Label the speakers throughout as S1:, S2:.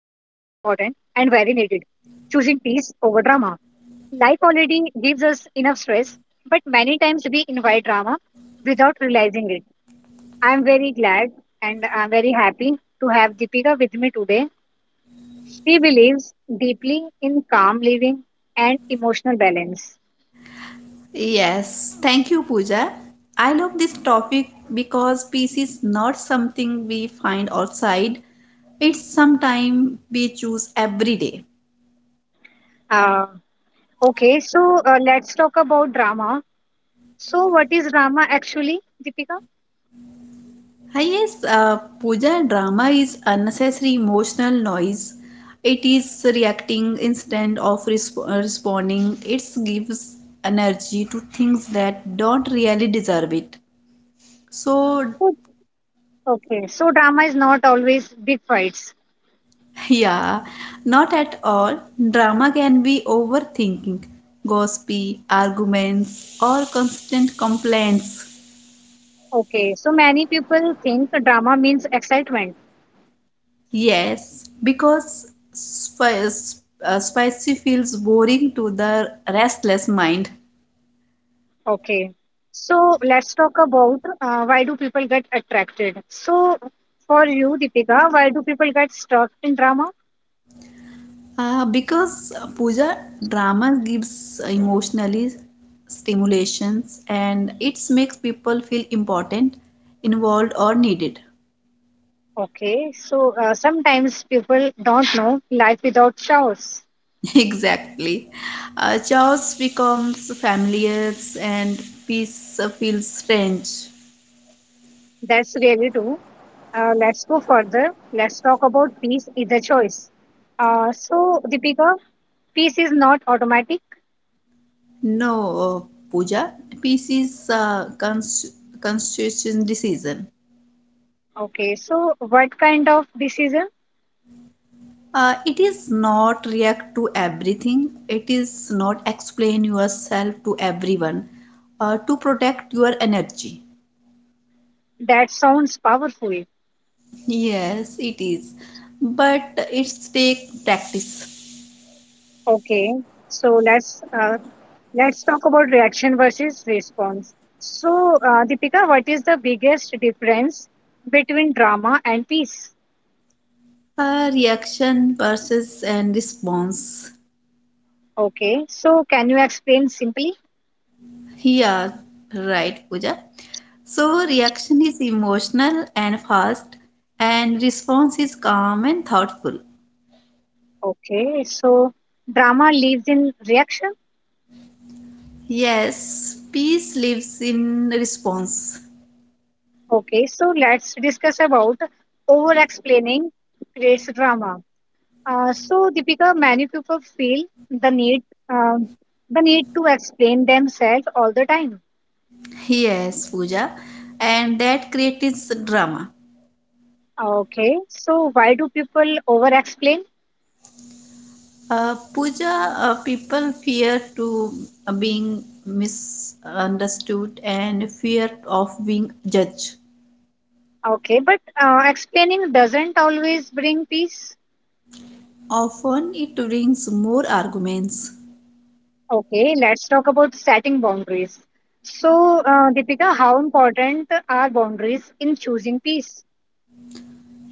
S1: peace over drama. Life already gives us enough stress, but many times we invite drama without realizing it. I am very glad and I am very happy to have Deepika with me today. She believes deeply in calm living and emotional balance.
S2: Yes, thank you, Pooja. I love this topic because peace is not something we find outside, it's something we choose every day.
S1: Uh, Okay, so let's talk about drama. So, what is drama actually, Deepika?
S2: Yes, Pooja, drama is unnecessary emotional noise. It is reacting instead of responding. It gives energy to things that don't really deserve it. So,
S1: Oh, Okay, so drama is not always big fights.
S2: Yeah, not at all. Drama can be overthinking, gossipy, arguments, or constant complaints.
S1: Okay, so many people think drama means excitement.
S2: Yes, because spicy feels boring to the restless mind.
S1: Okay, so let's talk about why do people get attracted. So, for you, Deepika, why do people get stuck in drama?
S2: Because Pooja drama gives emotionally stimulations and it makes people feel important, involved, or needed.
S1: Okay, so sometimes people don't know life without showers.
S2: Exactly. Chaos becomes familiar and peace feels strange.
S1: That's really true. Let's go further. Let's talk about peace is a choice. So, Deepika, peace is not automatic.
S2: No, Pooja, peace is a constitution decision.
S1: Okay, so what kind of decision?
S2: It is not react to everything. It is not explain yourself to everyone to protect your energy.
S1: That sounds powerful.
S2: Yes, it is. But it's take practice.
S1: Okay, so let's talk about reaction versus response. So, Deepika, what is the biggest difference between drama and peace?
S2: Reaction versus and response.
S1: Okay, so can you explain simply?
S2: Yeah, right, Pooja. So reaction is emotional and fast, and response is calm and thoughtful.
S1: Okay, so drama lives in reaction.
S2: Yes, peace lives in response.
S1: Okay, so let's discuss about over explaining creates drama. So, Deepika, many people feel the need, um, the need to explain themselves all the time.
S2: Yes, Pooja, and that creates drama.
S1: Okay, so why do people over explain?
S2: Pooja, people fear to being misunderstood and fear of being judged.
S1: Okay, but explaining doesn't always bring peace.
S2: Often it brings more arguments.
S1: Okay, let's talk about setting boundaries. So, Deepika, how important are boundaries in choosing peace?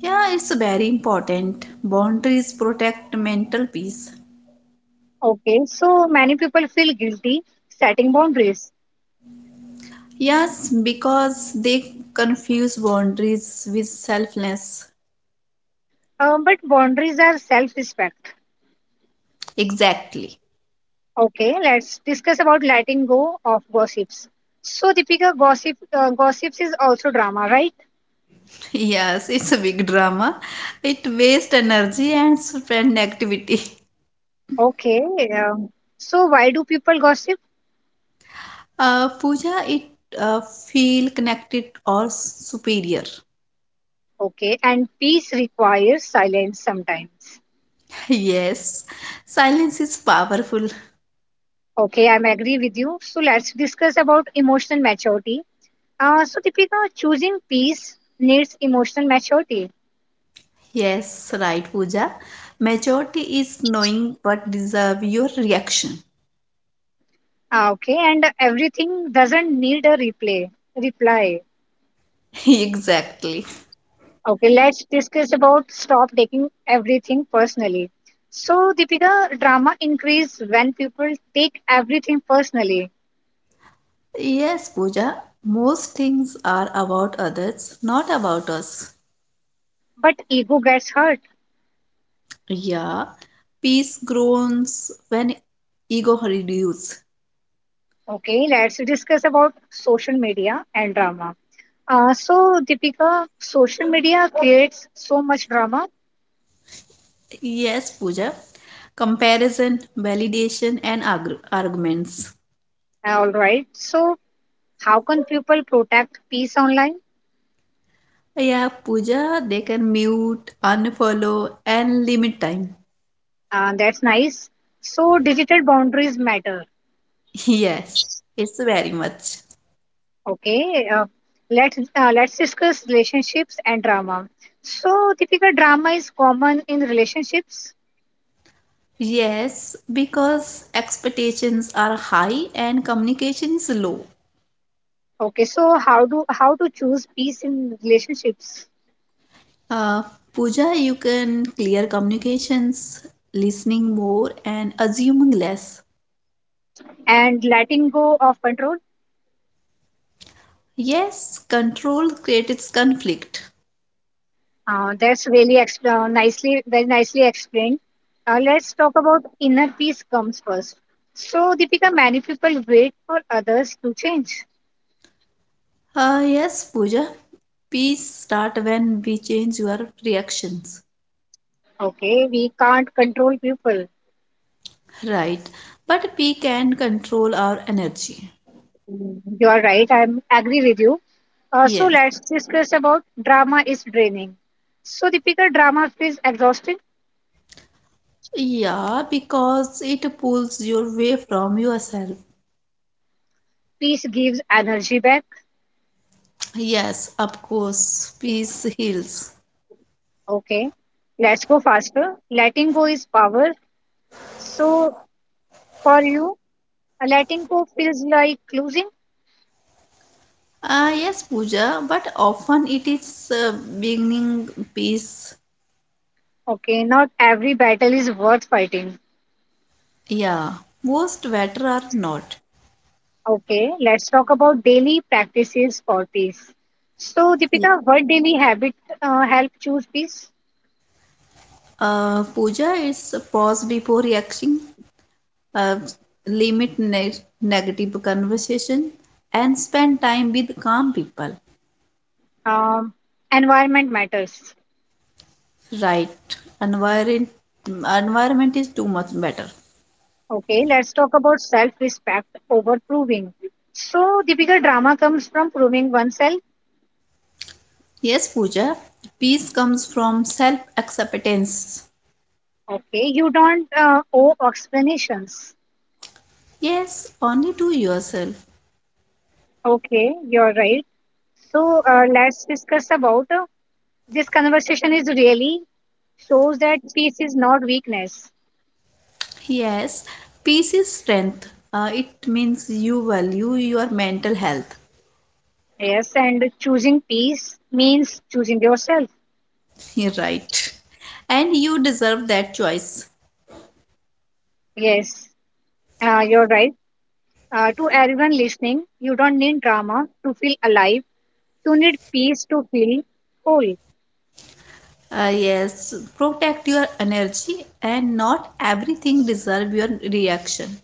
S2: Yeah, it's very important. Boundaries protect mental peace.
S1: Okay, so many people feel guilty setting boundaries.
S2: Yes, because they confuse boundaries with selflessness.
S1: But boundaries are self respect.
S2: Exactly.
S1: Okay, let's discuss about letting go of gossips. So, Deepika, gossips is also drama, right?
S2: Yes, it's a big drama. It wastes energy and spend activity.
S1: Okay. Um, so, why do people gossip?
S2: Puja, it feel connected or superior.
S1: Okay, and peace requires silence sometimes.
S2: Yes, silence is powerful.
S1: Okay, I'm agree with you. So, let's discuss about emotional maturity. So, Deepika, choosing peace needs emotional maturity.
S2: Yes, right, Puja. Majority is knowing but deserve your reaction.
S1: Ah, okay, and everything doesn't need a replay reply.
S2: Exactly.
S1: Okay, let's discuss about stop taking everything personally. So, Deepika, drama increase when people take everything personally,
S2: Yes, Pooja, most things are about others, not about us.
S1: but ego gets hurt.
S2: Yeah, peace grows when ego reduces.
S1: Okay, let's discuss about social media and drama. So, Deepika, social media creates so much drama.
S2: Yes, Pooja, comparison, validation, and arguments.
S1: All right. So, how can people protect peace online?
S2: Yeah, Pooja, they can mute, unfollow, and limit time.
S1: That's nice. So, digital boundaries matter.
S2: Yes, it's very much.
S1: Okay, let's discuss relationships and drama. So, Deepika, drama is common in relationships.
S2: Yes, because expectations are high and communication is low.
S1: Okay, so how to choose peace in relationships
S2: Uh, Pooja, you can clear communications, listening more, and assuming less.
S1: and letting go of control?
S2: Yes, control creates conflict.
S1: That's really ex- nicely very nicely explained. Let's talk about inner peace comes first. So, Deepika, many people wait for others to change.
S2: Yes, Pooja, peace start when we change your reactions.
S1: Okay, we can't control people.
S2: Right, but we can control our energy.
S1: Mm, you are right. I am agree with you. So
S2: Yes.
S1: let's discuss about drama is draining. So Deepika, drama feels exhausting.
S2: Yeah, because it pulls you away from yourself.
S1: Peace gives energy back.
S2: Yes, of course, peace heals.
S1: Okay, let's go faster. Letting go is power. So for you, letting go feels like losing.
S2: Yes, Pooja, but often it is beginning piece.
S1: Okay, not every battle is worth fighting.
S2: Yeah, most better are not.
S1: Okay, let's talk about daily practices for peace. So
S2: Ye-
S1: Deepika, what daily habit help choose peace?
S2: Pooja, it's a pause before reacting, uh, limit negative conversation, and spend time with calm people.
S1: Um, environment matters.
S2: Right, environment is too much better.
S1: Okay, let's talk about self respect over proving. So, the bigger drama comes from proving oneself.
S2: Yes, Pooja, peace comes from self acceptance.
S1: Okay, you don't owe explanations.
S2: Yes, only to yourself.
S1: Okay, you're right. So, let's discuss about this conversation is really shows that peace is not weakness.
S2: Yes, peace is strength. It means you value your mental health.
S1: Yes, and choosing peace means choosing yourself.
S2: You're right. And you deserve that choice.
S1: Yes, you're right. To everyone listening, you don't need drama to feel alive, you need peace to feel whole,
S2: Yes, protect your energy and not everything deserve your reaction.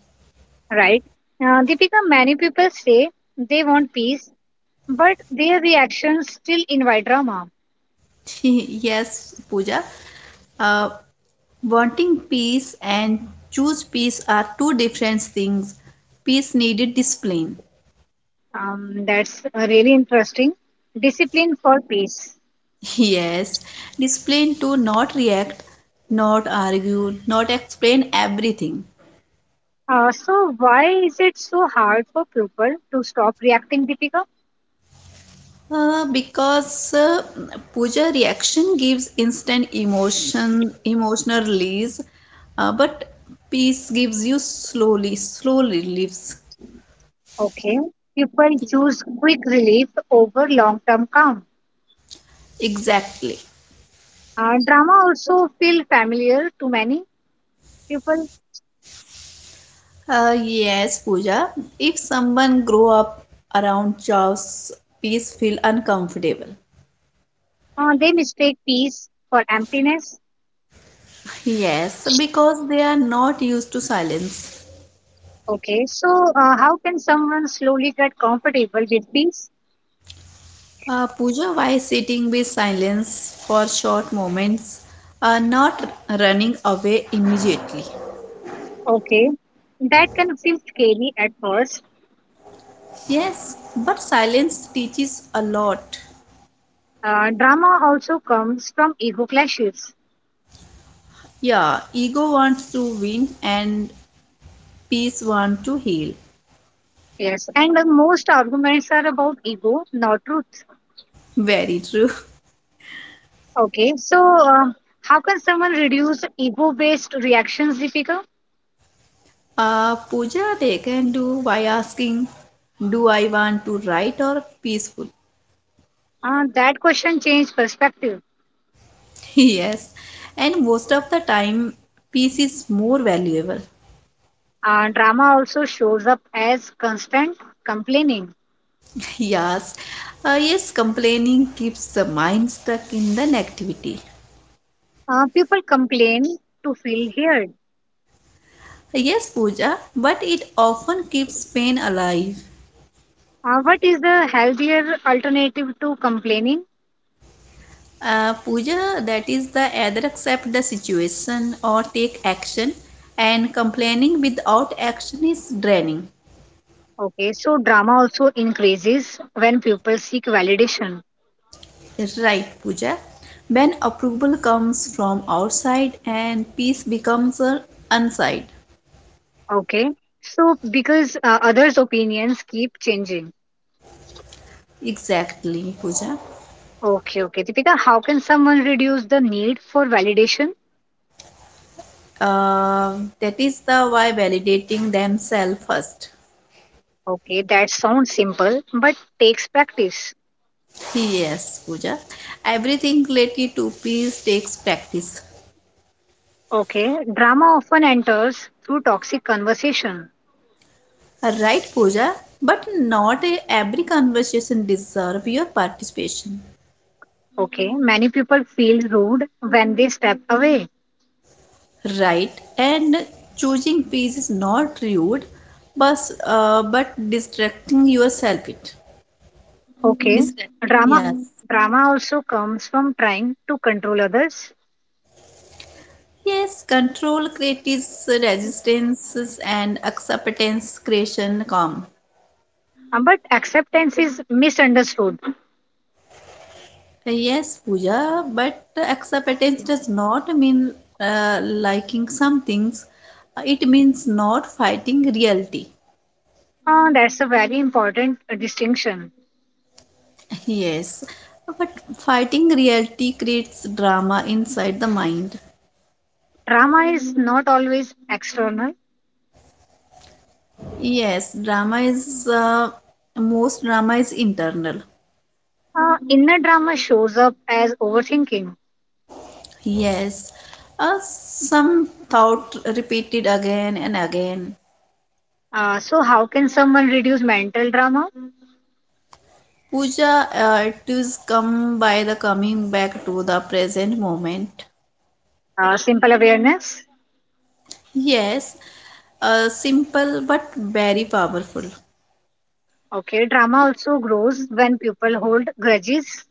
S1: right? Deepika, many people say they want peace, but their reactions still invite drama.
S2: Yes, Pooja. Uh, Wanting peace and choose peace are two different things. Peace needed discipline.
S1: That's really interesting. Discipline for peace.
S2: Yes, discipline to not react, not argue, not explain everything.
S1: So, why is it so hard for people to stop reacting, Deepika?
S2: Because puja reaction gives instant emotion, emotional release, but peace gives you slowly, slowly reliefs.
S1: Okay, people choose quick relief over long term calm.
S2: Exactly.
S1: Drama also feel familiar to many people.
S2: Yes, Pooja. If someone grow up around chaos, peace feel uncomfortable.
S1: They mistake peace for emptiness.
S2: Yes, because they are not used to silence.
S1: Okay, so how can someone slowly get comfortable with peace?
S2: Pooja, why sitting with silence for short moments, not running away immediately?
S1: Okay, that can feel scary at first.
S2: Yes, but silence teaches a lot.
S1: Drama also comes from ego clashes.
S2: Yeah, ego wants to win and peace wants to heal.
S1: Yes, and most arguments are about ego, not truth.
S2: Very true.
S1: Okay, so uh, how can someone reduce ego based reactions, Deepika?
S2: Pooja, they can do by asking, do I want to right or peaceful?
S1: That question changed perspective.
S2: Yes, and most of the time, peace is more valuable.
S1: Drama also shows up as constant complaining.
S2: Yes, yes, complaining keeps the mind stuck in the negativity.
S1: People complain to feel heard.
S2: Yes, Pooja, but it often keeps pain alive.
S1: What is the healthier alternative to complaining?
S2: Pooja, that is the either accept the situation or take action, and complaining without action is draining.
S1: Okay, so drama also increases when people seek validation.
S2: Right, Pooja. When approval comes from outside and peace becomes inside.
S1: Okay, so because others' opinions keep changing.
S2: Exactly, Pooja.
S1: Okay, okay. Deepika, how can someone reduce the need for validation?
S2: That is the why validating themselves first.
S1: Okay, that sounds simple but takes practice.
S2: Yes, Pooja. Everything related to peace takes practice.
S1: Okay, drama often enters through toxic conversation.
S2: Right, Pooja? But not eh, every conversation deserve your participation.
S1: Okay, many people feel rude when they step away.
S2: Right. And choosing peace is not rude, but but distracting yourself it.
S1: Okay.
S2: Distract.
S1: Drama
S2: Yes.
S1: drama also comes from trying to control others,
S2: Yes, control creates resistance and acceptance creation calm.
S1: but acceptance is misunderstood.
S2: Yes, Pooja, but acceptance does not mean liking some things. It means not fighting reality.
S1: That's a very important distinction.
S2: Yes, but fighting reality creates drama inside the mind.
S1: Drama is not always external.
S2: Yes, drama is most drama is internal.
S1: Inner drama shows up as overthinking.
S2: Yes, some thought repeated again and again.
S1: So how can someone reduce mental drama?
S2: Puja, it is come by the coming back to the present moment.
S1: Simple awareness.
S2: Yes, simple but very powerful.
S1: Okay, drama also grows when people hold grudges.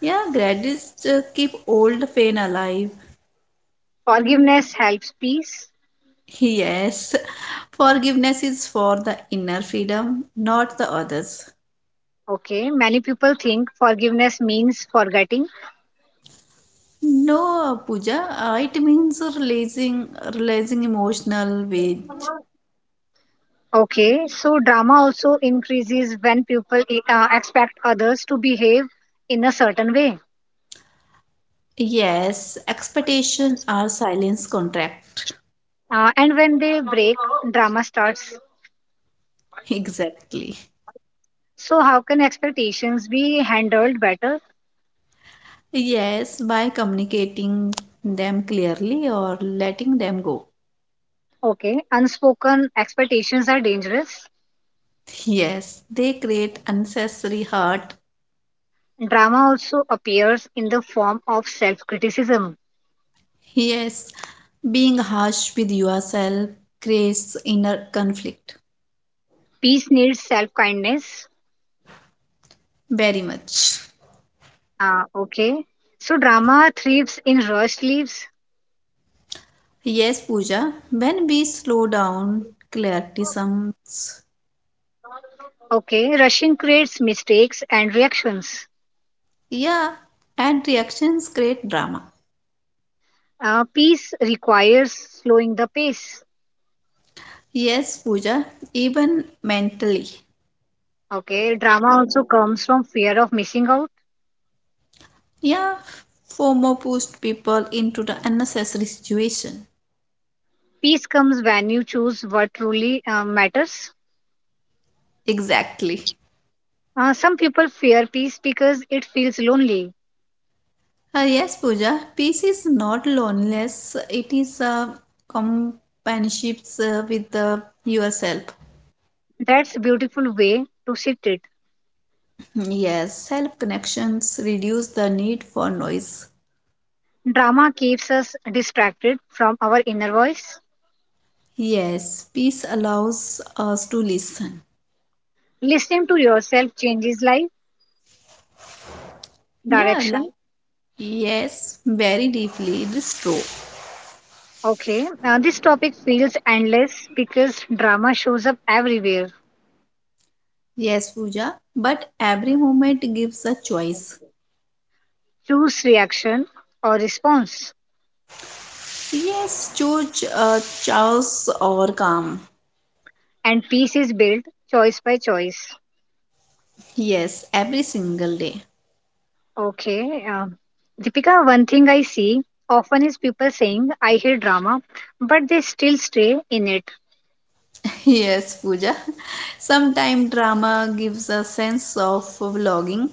S2: Yeah, gratitude keep old pain alive.
S1: Forgiveness helps peace.
S2: Yes, forgiveness is for the inner freedom, not the others.
S1: Okay, many people think forgiveness means forgetting.
S2: No, Pooja, it means releasing, releasing emotional weight.
S1: Okay, so drama also increases when people expect others to behave in a certain way.
S2: Yes, expectation are silence contract.
S1: And when they break, drama starts.
S2: Exactly.
S1: So, how can expectations be handled better?
S2: Yes, by communicating them clearly or letting them go.
S1: Okay, unspoken expectations are dangerous.
S2: Yes, they create unnecessary hurt.
S1: Drama also appears in the form of self criticism.
S2: Yes, being harsh with yourself creates inner conflict.
S1: Peace needs self kindness.
S2: Very much.
S1: Okay, so drama thrives in rush leaves.
S2: Yes, Pooja, when we slow down, criticisms,
S1: Okay, rushing creates mistakes and reactions.
S2: yeah, and reactions create drama.
S1: Peace requires slowing the pace.
S2: Yes, Pooja, even mentally.
S1: Okay, drama also comes from fear of missing out.
S2: Yeah, FOMO pushed people into the unnecessary situation.
S1: Peace comes when you choose what truly matters.
S2: Exactly.
S1: Some people fear peace because it feels lonely.
S2: Yes, Pooja, peace is not loneliness, it is companionships with yourself.
S1: That's a beautiful way to shift it.
S2: Yes, self connections reduce the need for noise.
S1: Drama keeps us distracted from our inner voice.
S2: Yes, peace allows us to listen.
S1: Listening to yourself changes life
S2: Yeah, like,
S1: direction.
S2: yes, very deeply, it is true.
S1: Okay, this topic feels endless because drama shows up everywhere.
S2: Yes, Pooja, but every moment gives a choice.
S1: Choose reaction or response.
S2: Yes, choose chaos or calm.
S1: And peace is built choice by choice.
S2: Yes, every single day.
S1: Okay. Deepika, one thing I see often is people saying, I hear drama, but they still stay in it.
S2: Yes, Pooja. Sometimes drama gives a sense of vlogging.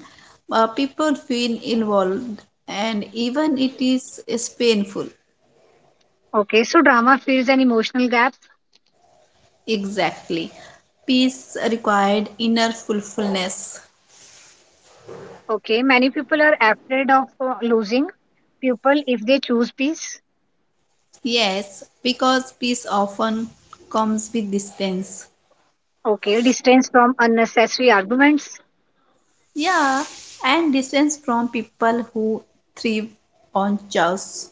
S2: People feel involved, and even it is painful.
S1: Okay. So drama fills an emotional gap.
S2: Exactly. Peace required inner fulfillness.
S1: Okay. Many people are afraid of losing people if they choose peace.
S2: Yes, because peace often comes with distance.
S1: Okay. Distance from unnecessary arguments.
S2: Yeah, and distance from people who thrive on chaos.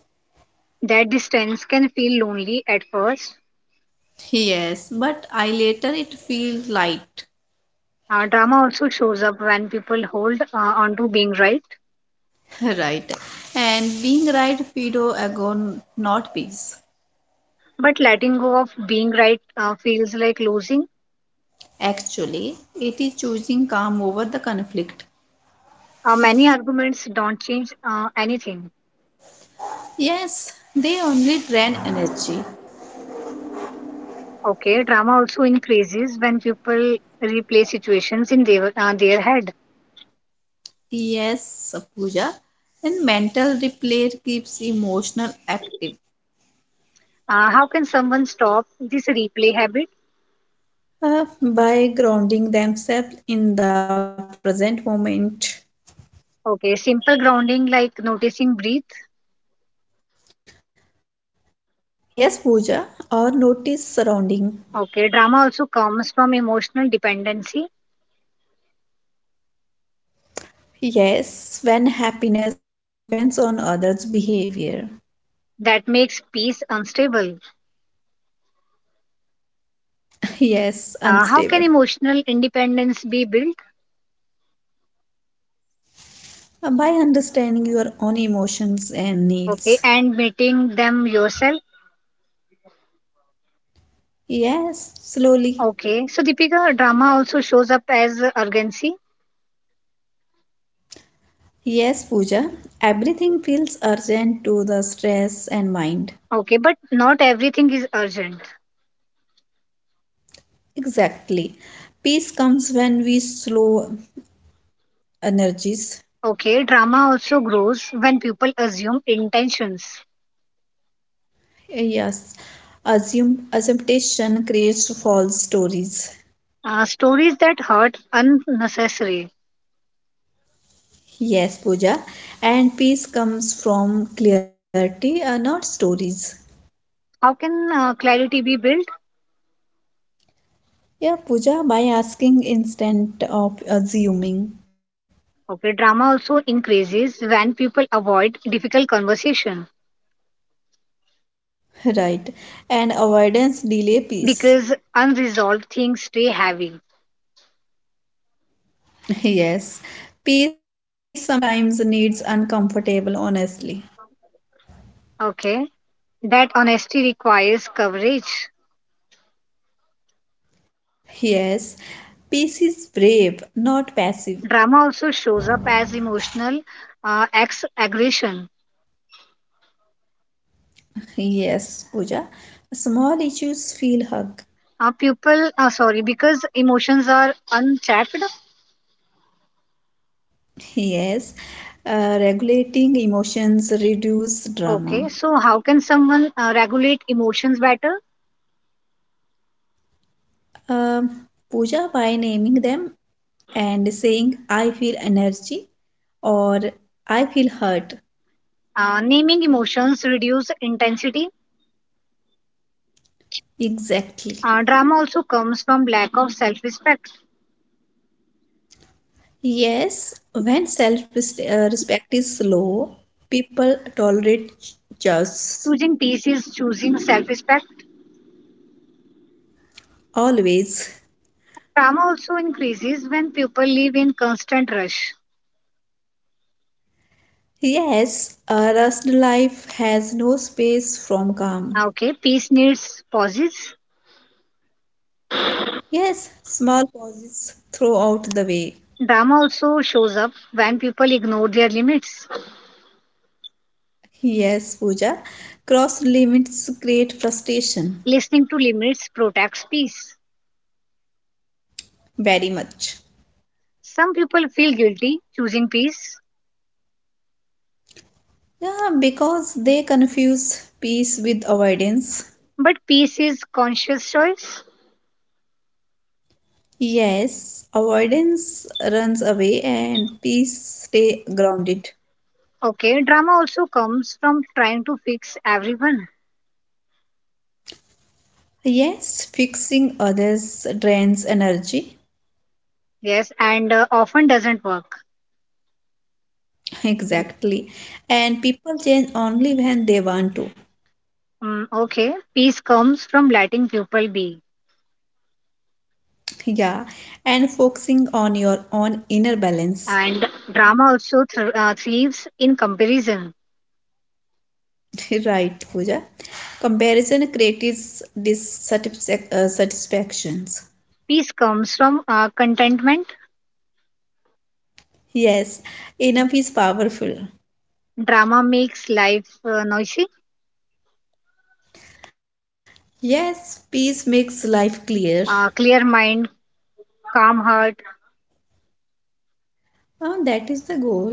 S1: That distance can feel lonely at first.
S2: Yes, but I later it feels light.
S1: Drama also shows up when people hold on to being right.
S2: Right. And being right Fido agon not peace.
S1: But letting go of being right feels like losing.
S2: Actually, it is choosing calm over the conflict.
S1: Many arguments don't change anything.
S2: Yes, they only drain energy.
S1: Okay, drama also increases when people replay situations in their head.
S2: Yes, Pooja. And mental replay keeps emotional active,
S1: How can someone stop this replay habit?
S2: by grounding themselves in the present moment.
S1: Okay, simple grounding like noticing breathe.
S2: Yes, Pooja, or notice surrounding.
S1: Okay, drama also comes from emotional dependency
S2: Yes, when happiness depends on others' behavior.
S1: that makes peace unstable.
S2: Yes, unstable.
S1: How can emotional independence be built?
S2: By understanding your own emotions and
S1: Okay,
S2: needs.
S1: and meeting them yourself.
S2: Yes, slowly.
S1: Okay, so Deepika, drama also shows up as urgency.
S2: Yes, Pooja, everything feels urgent to the stress and mind.
S1: Okay, but not everything is urgent.
S2: Exactly. Peace comes when we slow energies.
S1: Okay, drama also grows when people assume intentions.
S2: Yes, assume assumption creates false stories.
S1: Stories that hurt unnecessary.
S2: Yes, Pooja, and peace comes from clarity, not stories.
S1: How can clarity be built?
S2: Yeah, Pooja, by asking instead of assuming.
S1: Okay, drama also increases when people avoid difficult conversation
S2: Right. And avoidance delay peace.
S1: because unresolved things stay heavy.
S2: Yes. Peace sometimes needs uncomfortable honestly.
S1: Okay, that honesty requires coverage.
S2: Yes. Peace is brave, not passive.
S1: Drama also shows up as emotional ex aggression.
S2: Yes, Pooja. Small issues feel hug.
S1: Are people sorry because emotions are unchecked?
S2: Yes. Regulating emotions reduce
S1: Okay,
S2: drama.
S1: so how can someone regulate emotions better?
S2: Um, Pooja by naming them and saying I feel energy or I feel hurt.
S1: Naming emotions reduce intensity.
S2: Exactly.
S1: Drama also comes from lack of self-respect.
S2: Yes, when self respect is low, people tolerate just
S1: Choosing peace is choosing self-respect.
S2: always.
S1: Drama also increases when people live in constant rush.
S2: Yes, a rushed life has no space from calm.
S1: Okay, peace needs pauses.
S2: Yes, small pauses throughout the way.
S1: Drama also shows up when people ignore their limits.
S2: Yes, Pooja, cross limits create frustration
S1: Listening to limits protects peace.
S2: very much.
S1: Some people feel guilty choosing peace.
S2: Yeah, because they confuse peace with avoidance.
S1: But peace is conscious choice.
S2: Yes, avoidance runs away and peace stay grounded.
S1: Okay, drama also comes from trying to fix everyone.
S2: Yes, fixing others drains energy.
S1: Yes, and often doesn't work.
S2: Exactly. And people change only when they want to.
S1: Mm, okay, peace comes from letting people be.
S2: Yeah. And focusing on your own inner balance.
S1: And drama also thrives in comparison.
S2: Right, Pooja. Comparison creates dissatisfac- satisfactions.
S1: Peace comes from contentment.
S2: Yes, enough is powerful.
S1: Drama makes life noisy.
S2: Yes, peace makes life clear.
S1: Clear mind, calm heart.
S2: Oh, that is the goal.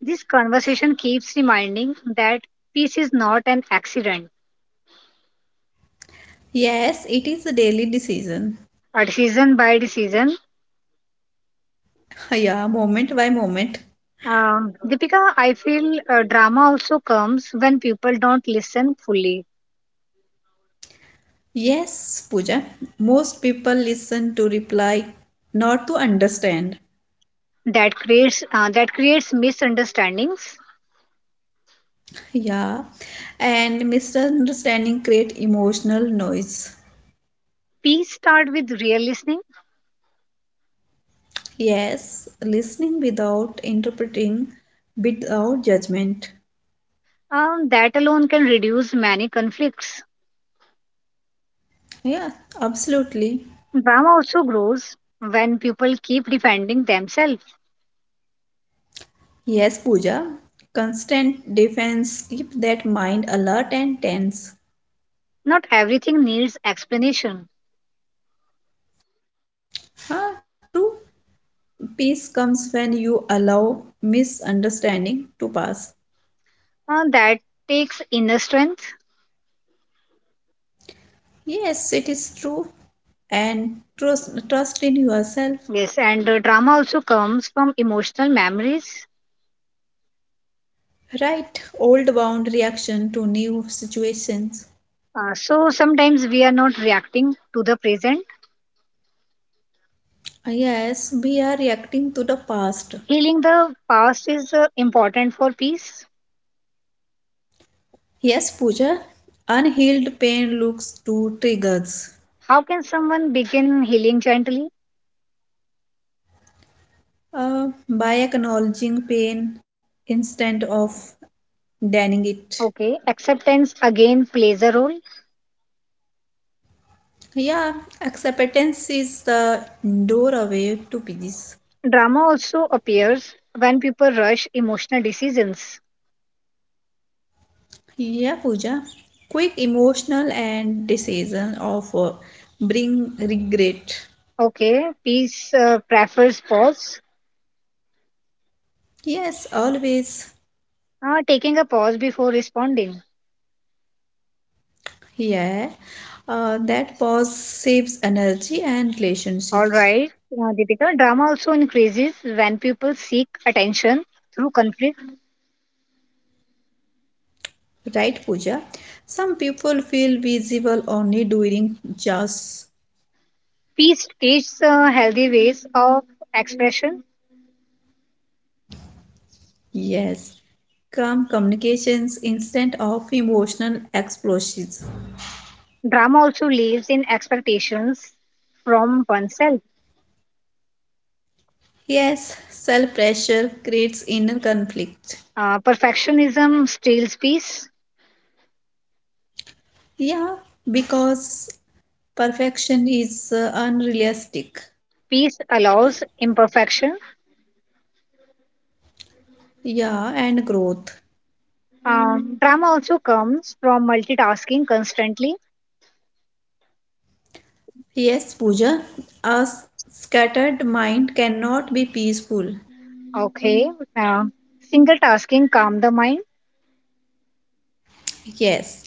S1: This conversation keeps reminding that peace is not an accident.
S2: Yes, it is a daily decision.
S1: A decision by decision.
S2: Yeah, moment by moment.
S1: Deepika, I feel drama also comes when people don't listen fully.
S2: Yes, Pooja. Most people listen to reply, not to understand.
S1: That creates misunderstandings.
S2: Yeah. And misunderstanding create emotional noise.
S1: Peace start with real listening.
S2: Yes, listening without interpreting, without judgment.
S1: That alone can reduce many conflicts.
S2: Yeah, absolutely.
S1: Drama also grows when people keep defending themselves.
S2: Yes, Pooja. Constant defense keep that mind alert and tense.
S1: Not everything needs explanation.
S2: Huh? True peace comes when you allow misunderstanding to pass.
S1: That takes inner strength.
S2: Yes, it is true. And trust in yourself.
S1: Yes, and drama also comes from emotional memories.
S2: Right old bound reaction to new situations.
S1: So sometimes we are not reacting to the present.
S2: Ah, yes, we are reacting to the past.
S1: Healing the past is important for peace.
S2: Yes, Pooja, unhealed pain looks to triggers.
S1: How can someone begin healing gently?
S2: By acknowledging pain instead of denying it.
S1: Okay, acceptance again plays a role.
S2: Yeah, acceptance is the doorway to peace.
S1: Drama also appears when people rush emotional decisions.
S2: Yeah, Pooja. Quick emotional and decision of bring regret.
S1: Okay, peace uh, prefers pause,
S2: Yes, always.
S1: uh, taking a pause before responding.
S2: Yeah. That pause saves energy and
S1: All
S2: relationships.
S1: right, Deepika. Drama also increases when people seek attention through conflict.
S2: Right, Pooja? Some people feel visible only during just
S1: Peace teaches healthy ways of expression.
S2: yes. Calm communications instead of emotional explosions.
S1: Drama also lives in expectations from oneself.
S2: Yes, self pressure creates inner conflict.
S1: Perfectionism steals peace.
S2: Yeah, because perfection is unrealistic.
S1: Peace allows imperfection.
S2: Yeah, and growth.
S1: Drama also comes from multitasking constantly.
S2: Yes, Pooja, a scattered mind cannot be peaceful.
S1: Okay. Uh, Single tasking calm the mind.
S2: Yes,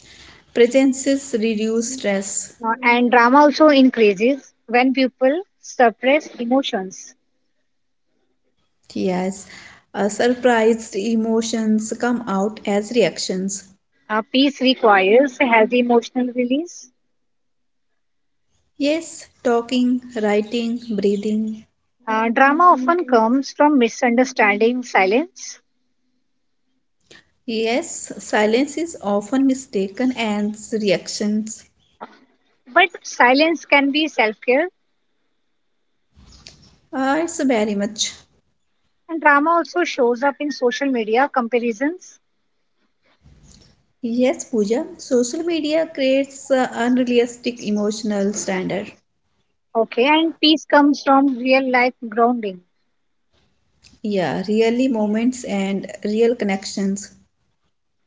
S2: presences reduce stress.
S1: And drama also increases when people suppress emotions.
S2: Yes, surprised emotions come out as reactions.
S1: Peace requires a healthy emotional release.
S2: Yes, talking, writing, breathing.
S1: Drama often comes from misunderstanding silence.
S2: Yes, silence is often mistaken as reactions.
S1: But silence can be self care.
S2: It's very much.
S1: And drama also shows up in social media comparisons.
S2: Yes, Pooja, social media creates unrealistic emotional standard.
S1: Okay. And peace comes from real life grounding.
S2: Yeah, really moments and real connections.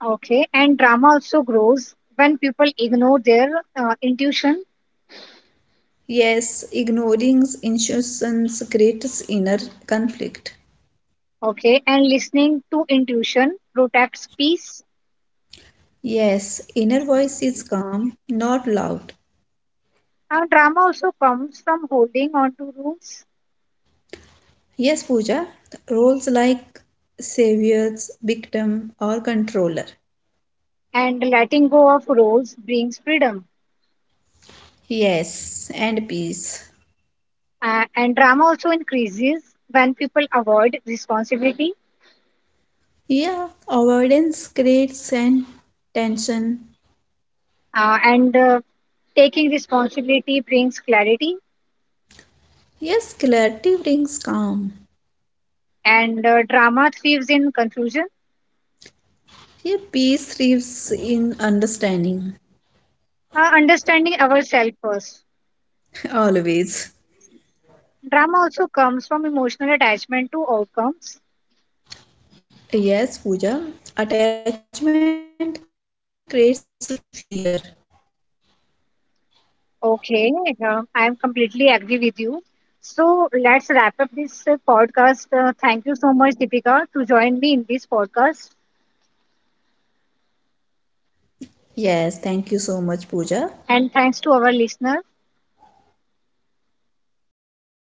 S1: Okay. And drama also grows when people ignore their intuition.
S2: Yes, ignoring intuitions creates inner conflict.
S1: Okay. And listening to intuition protects peace.
S2: Yes, inner voice is calm, not loud.
S1: Now, drama also comes from holding on to rules
S2: Yes, Pooja, roles like saviors, victim, or controller.
S1: and letting go of roles brings freedom.
S2: Yes, and peace.
S1: And drama also increases when people avoid responsibility,
S2: Yeah, avoidance creates an tension.
S1: and taking responsibility brings clarity,
S2: Yes, clarity brings calm.
S1: and drama thrives in confusion,
S2: Yeah, peace lives in understanding,
S1: understanding ourselves first.
S2: always.
S1: Drama also comes from emotional attachment to outcomes.
S2: Yes, Pooja. Attachment creates fear.
S1: Okay, I am completely agree with you. So let's wrap up this podcast. Thank you so much, Deepika, to join me in this podcast,
S2: Yes, thank you so much, Pooja.
S1: and thanks to our listeners.
S2: Yes, I hope this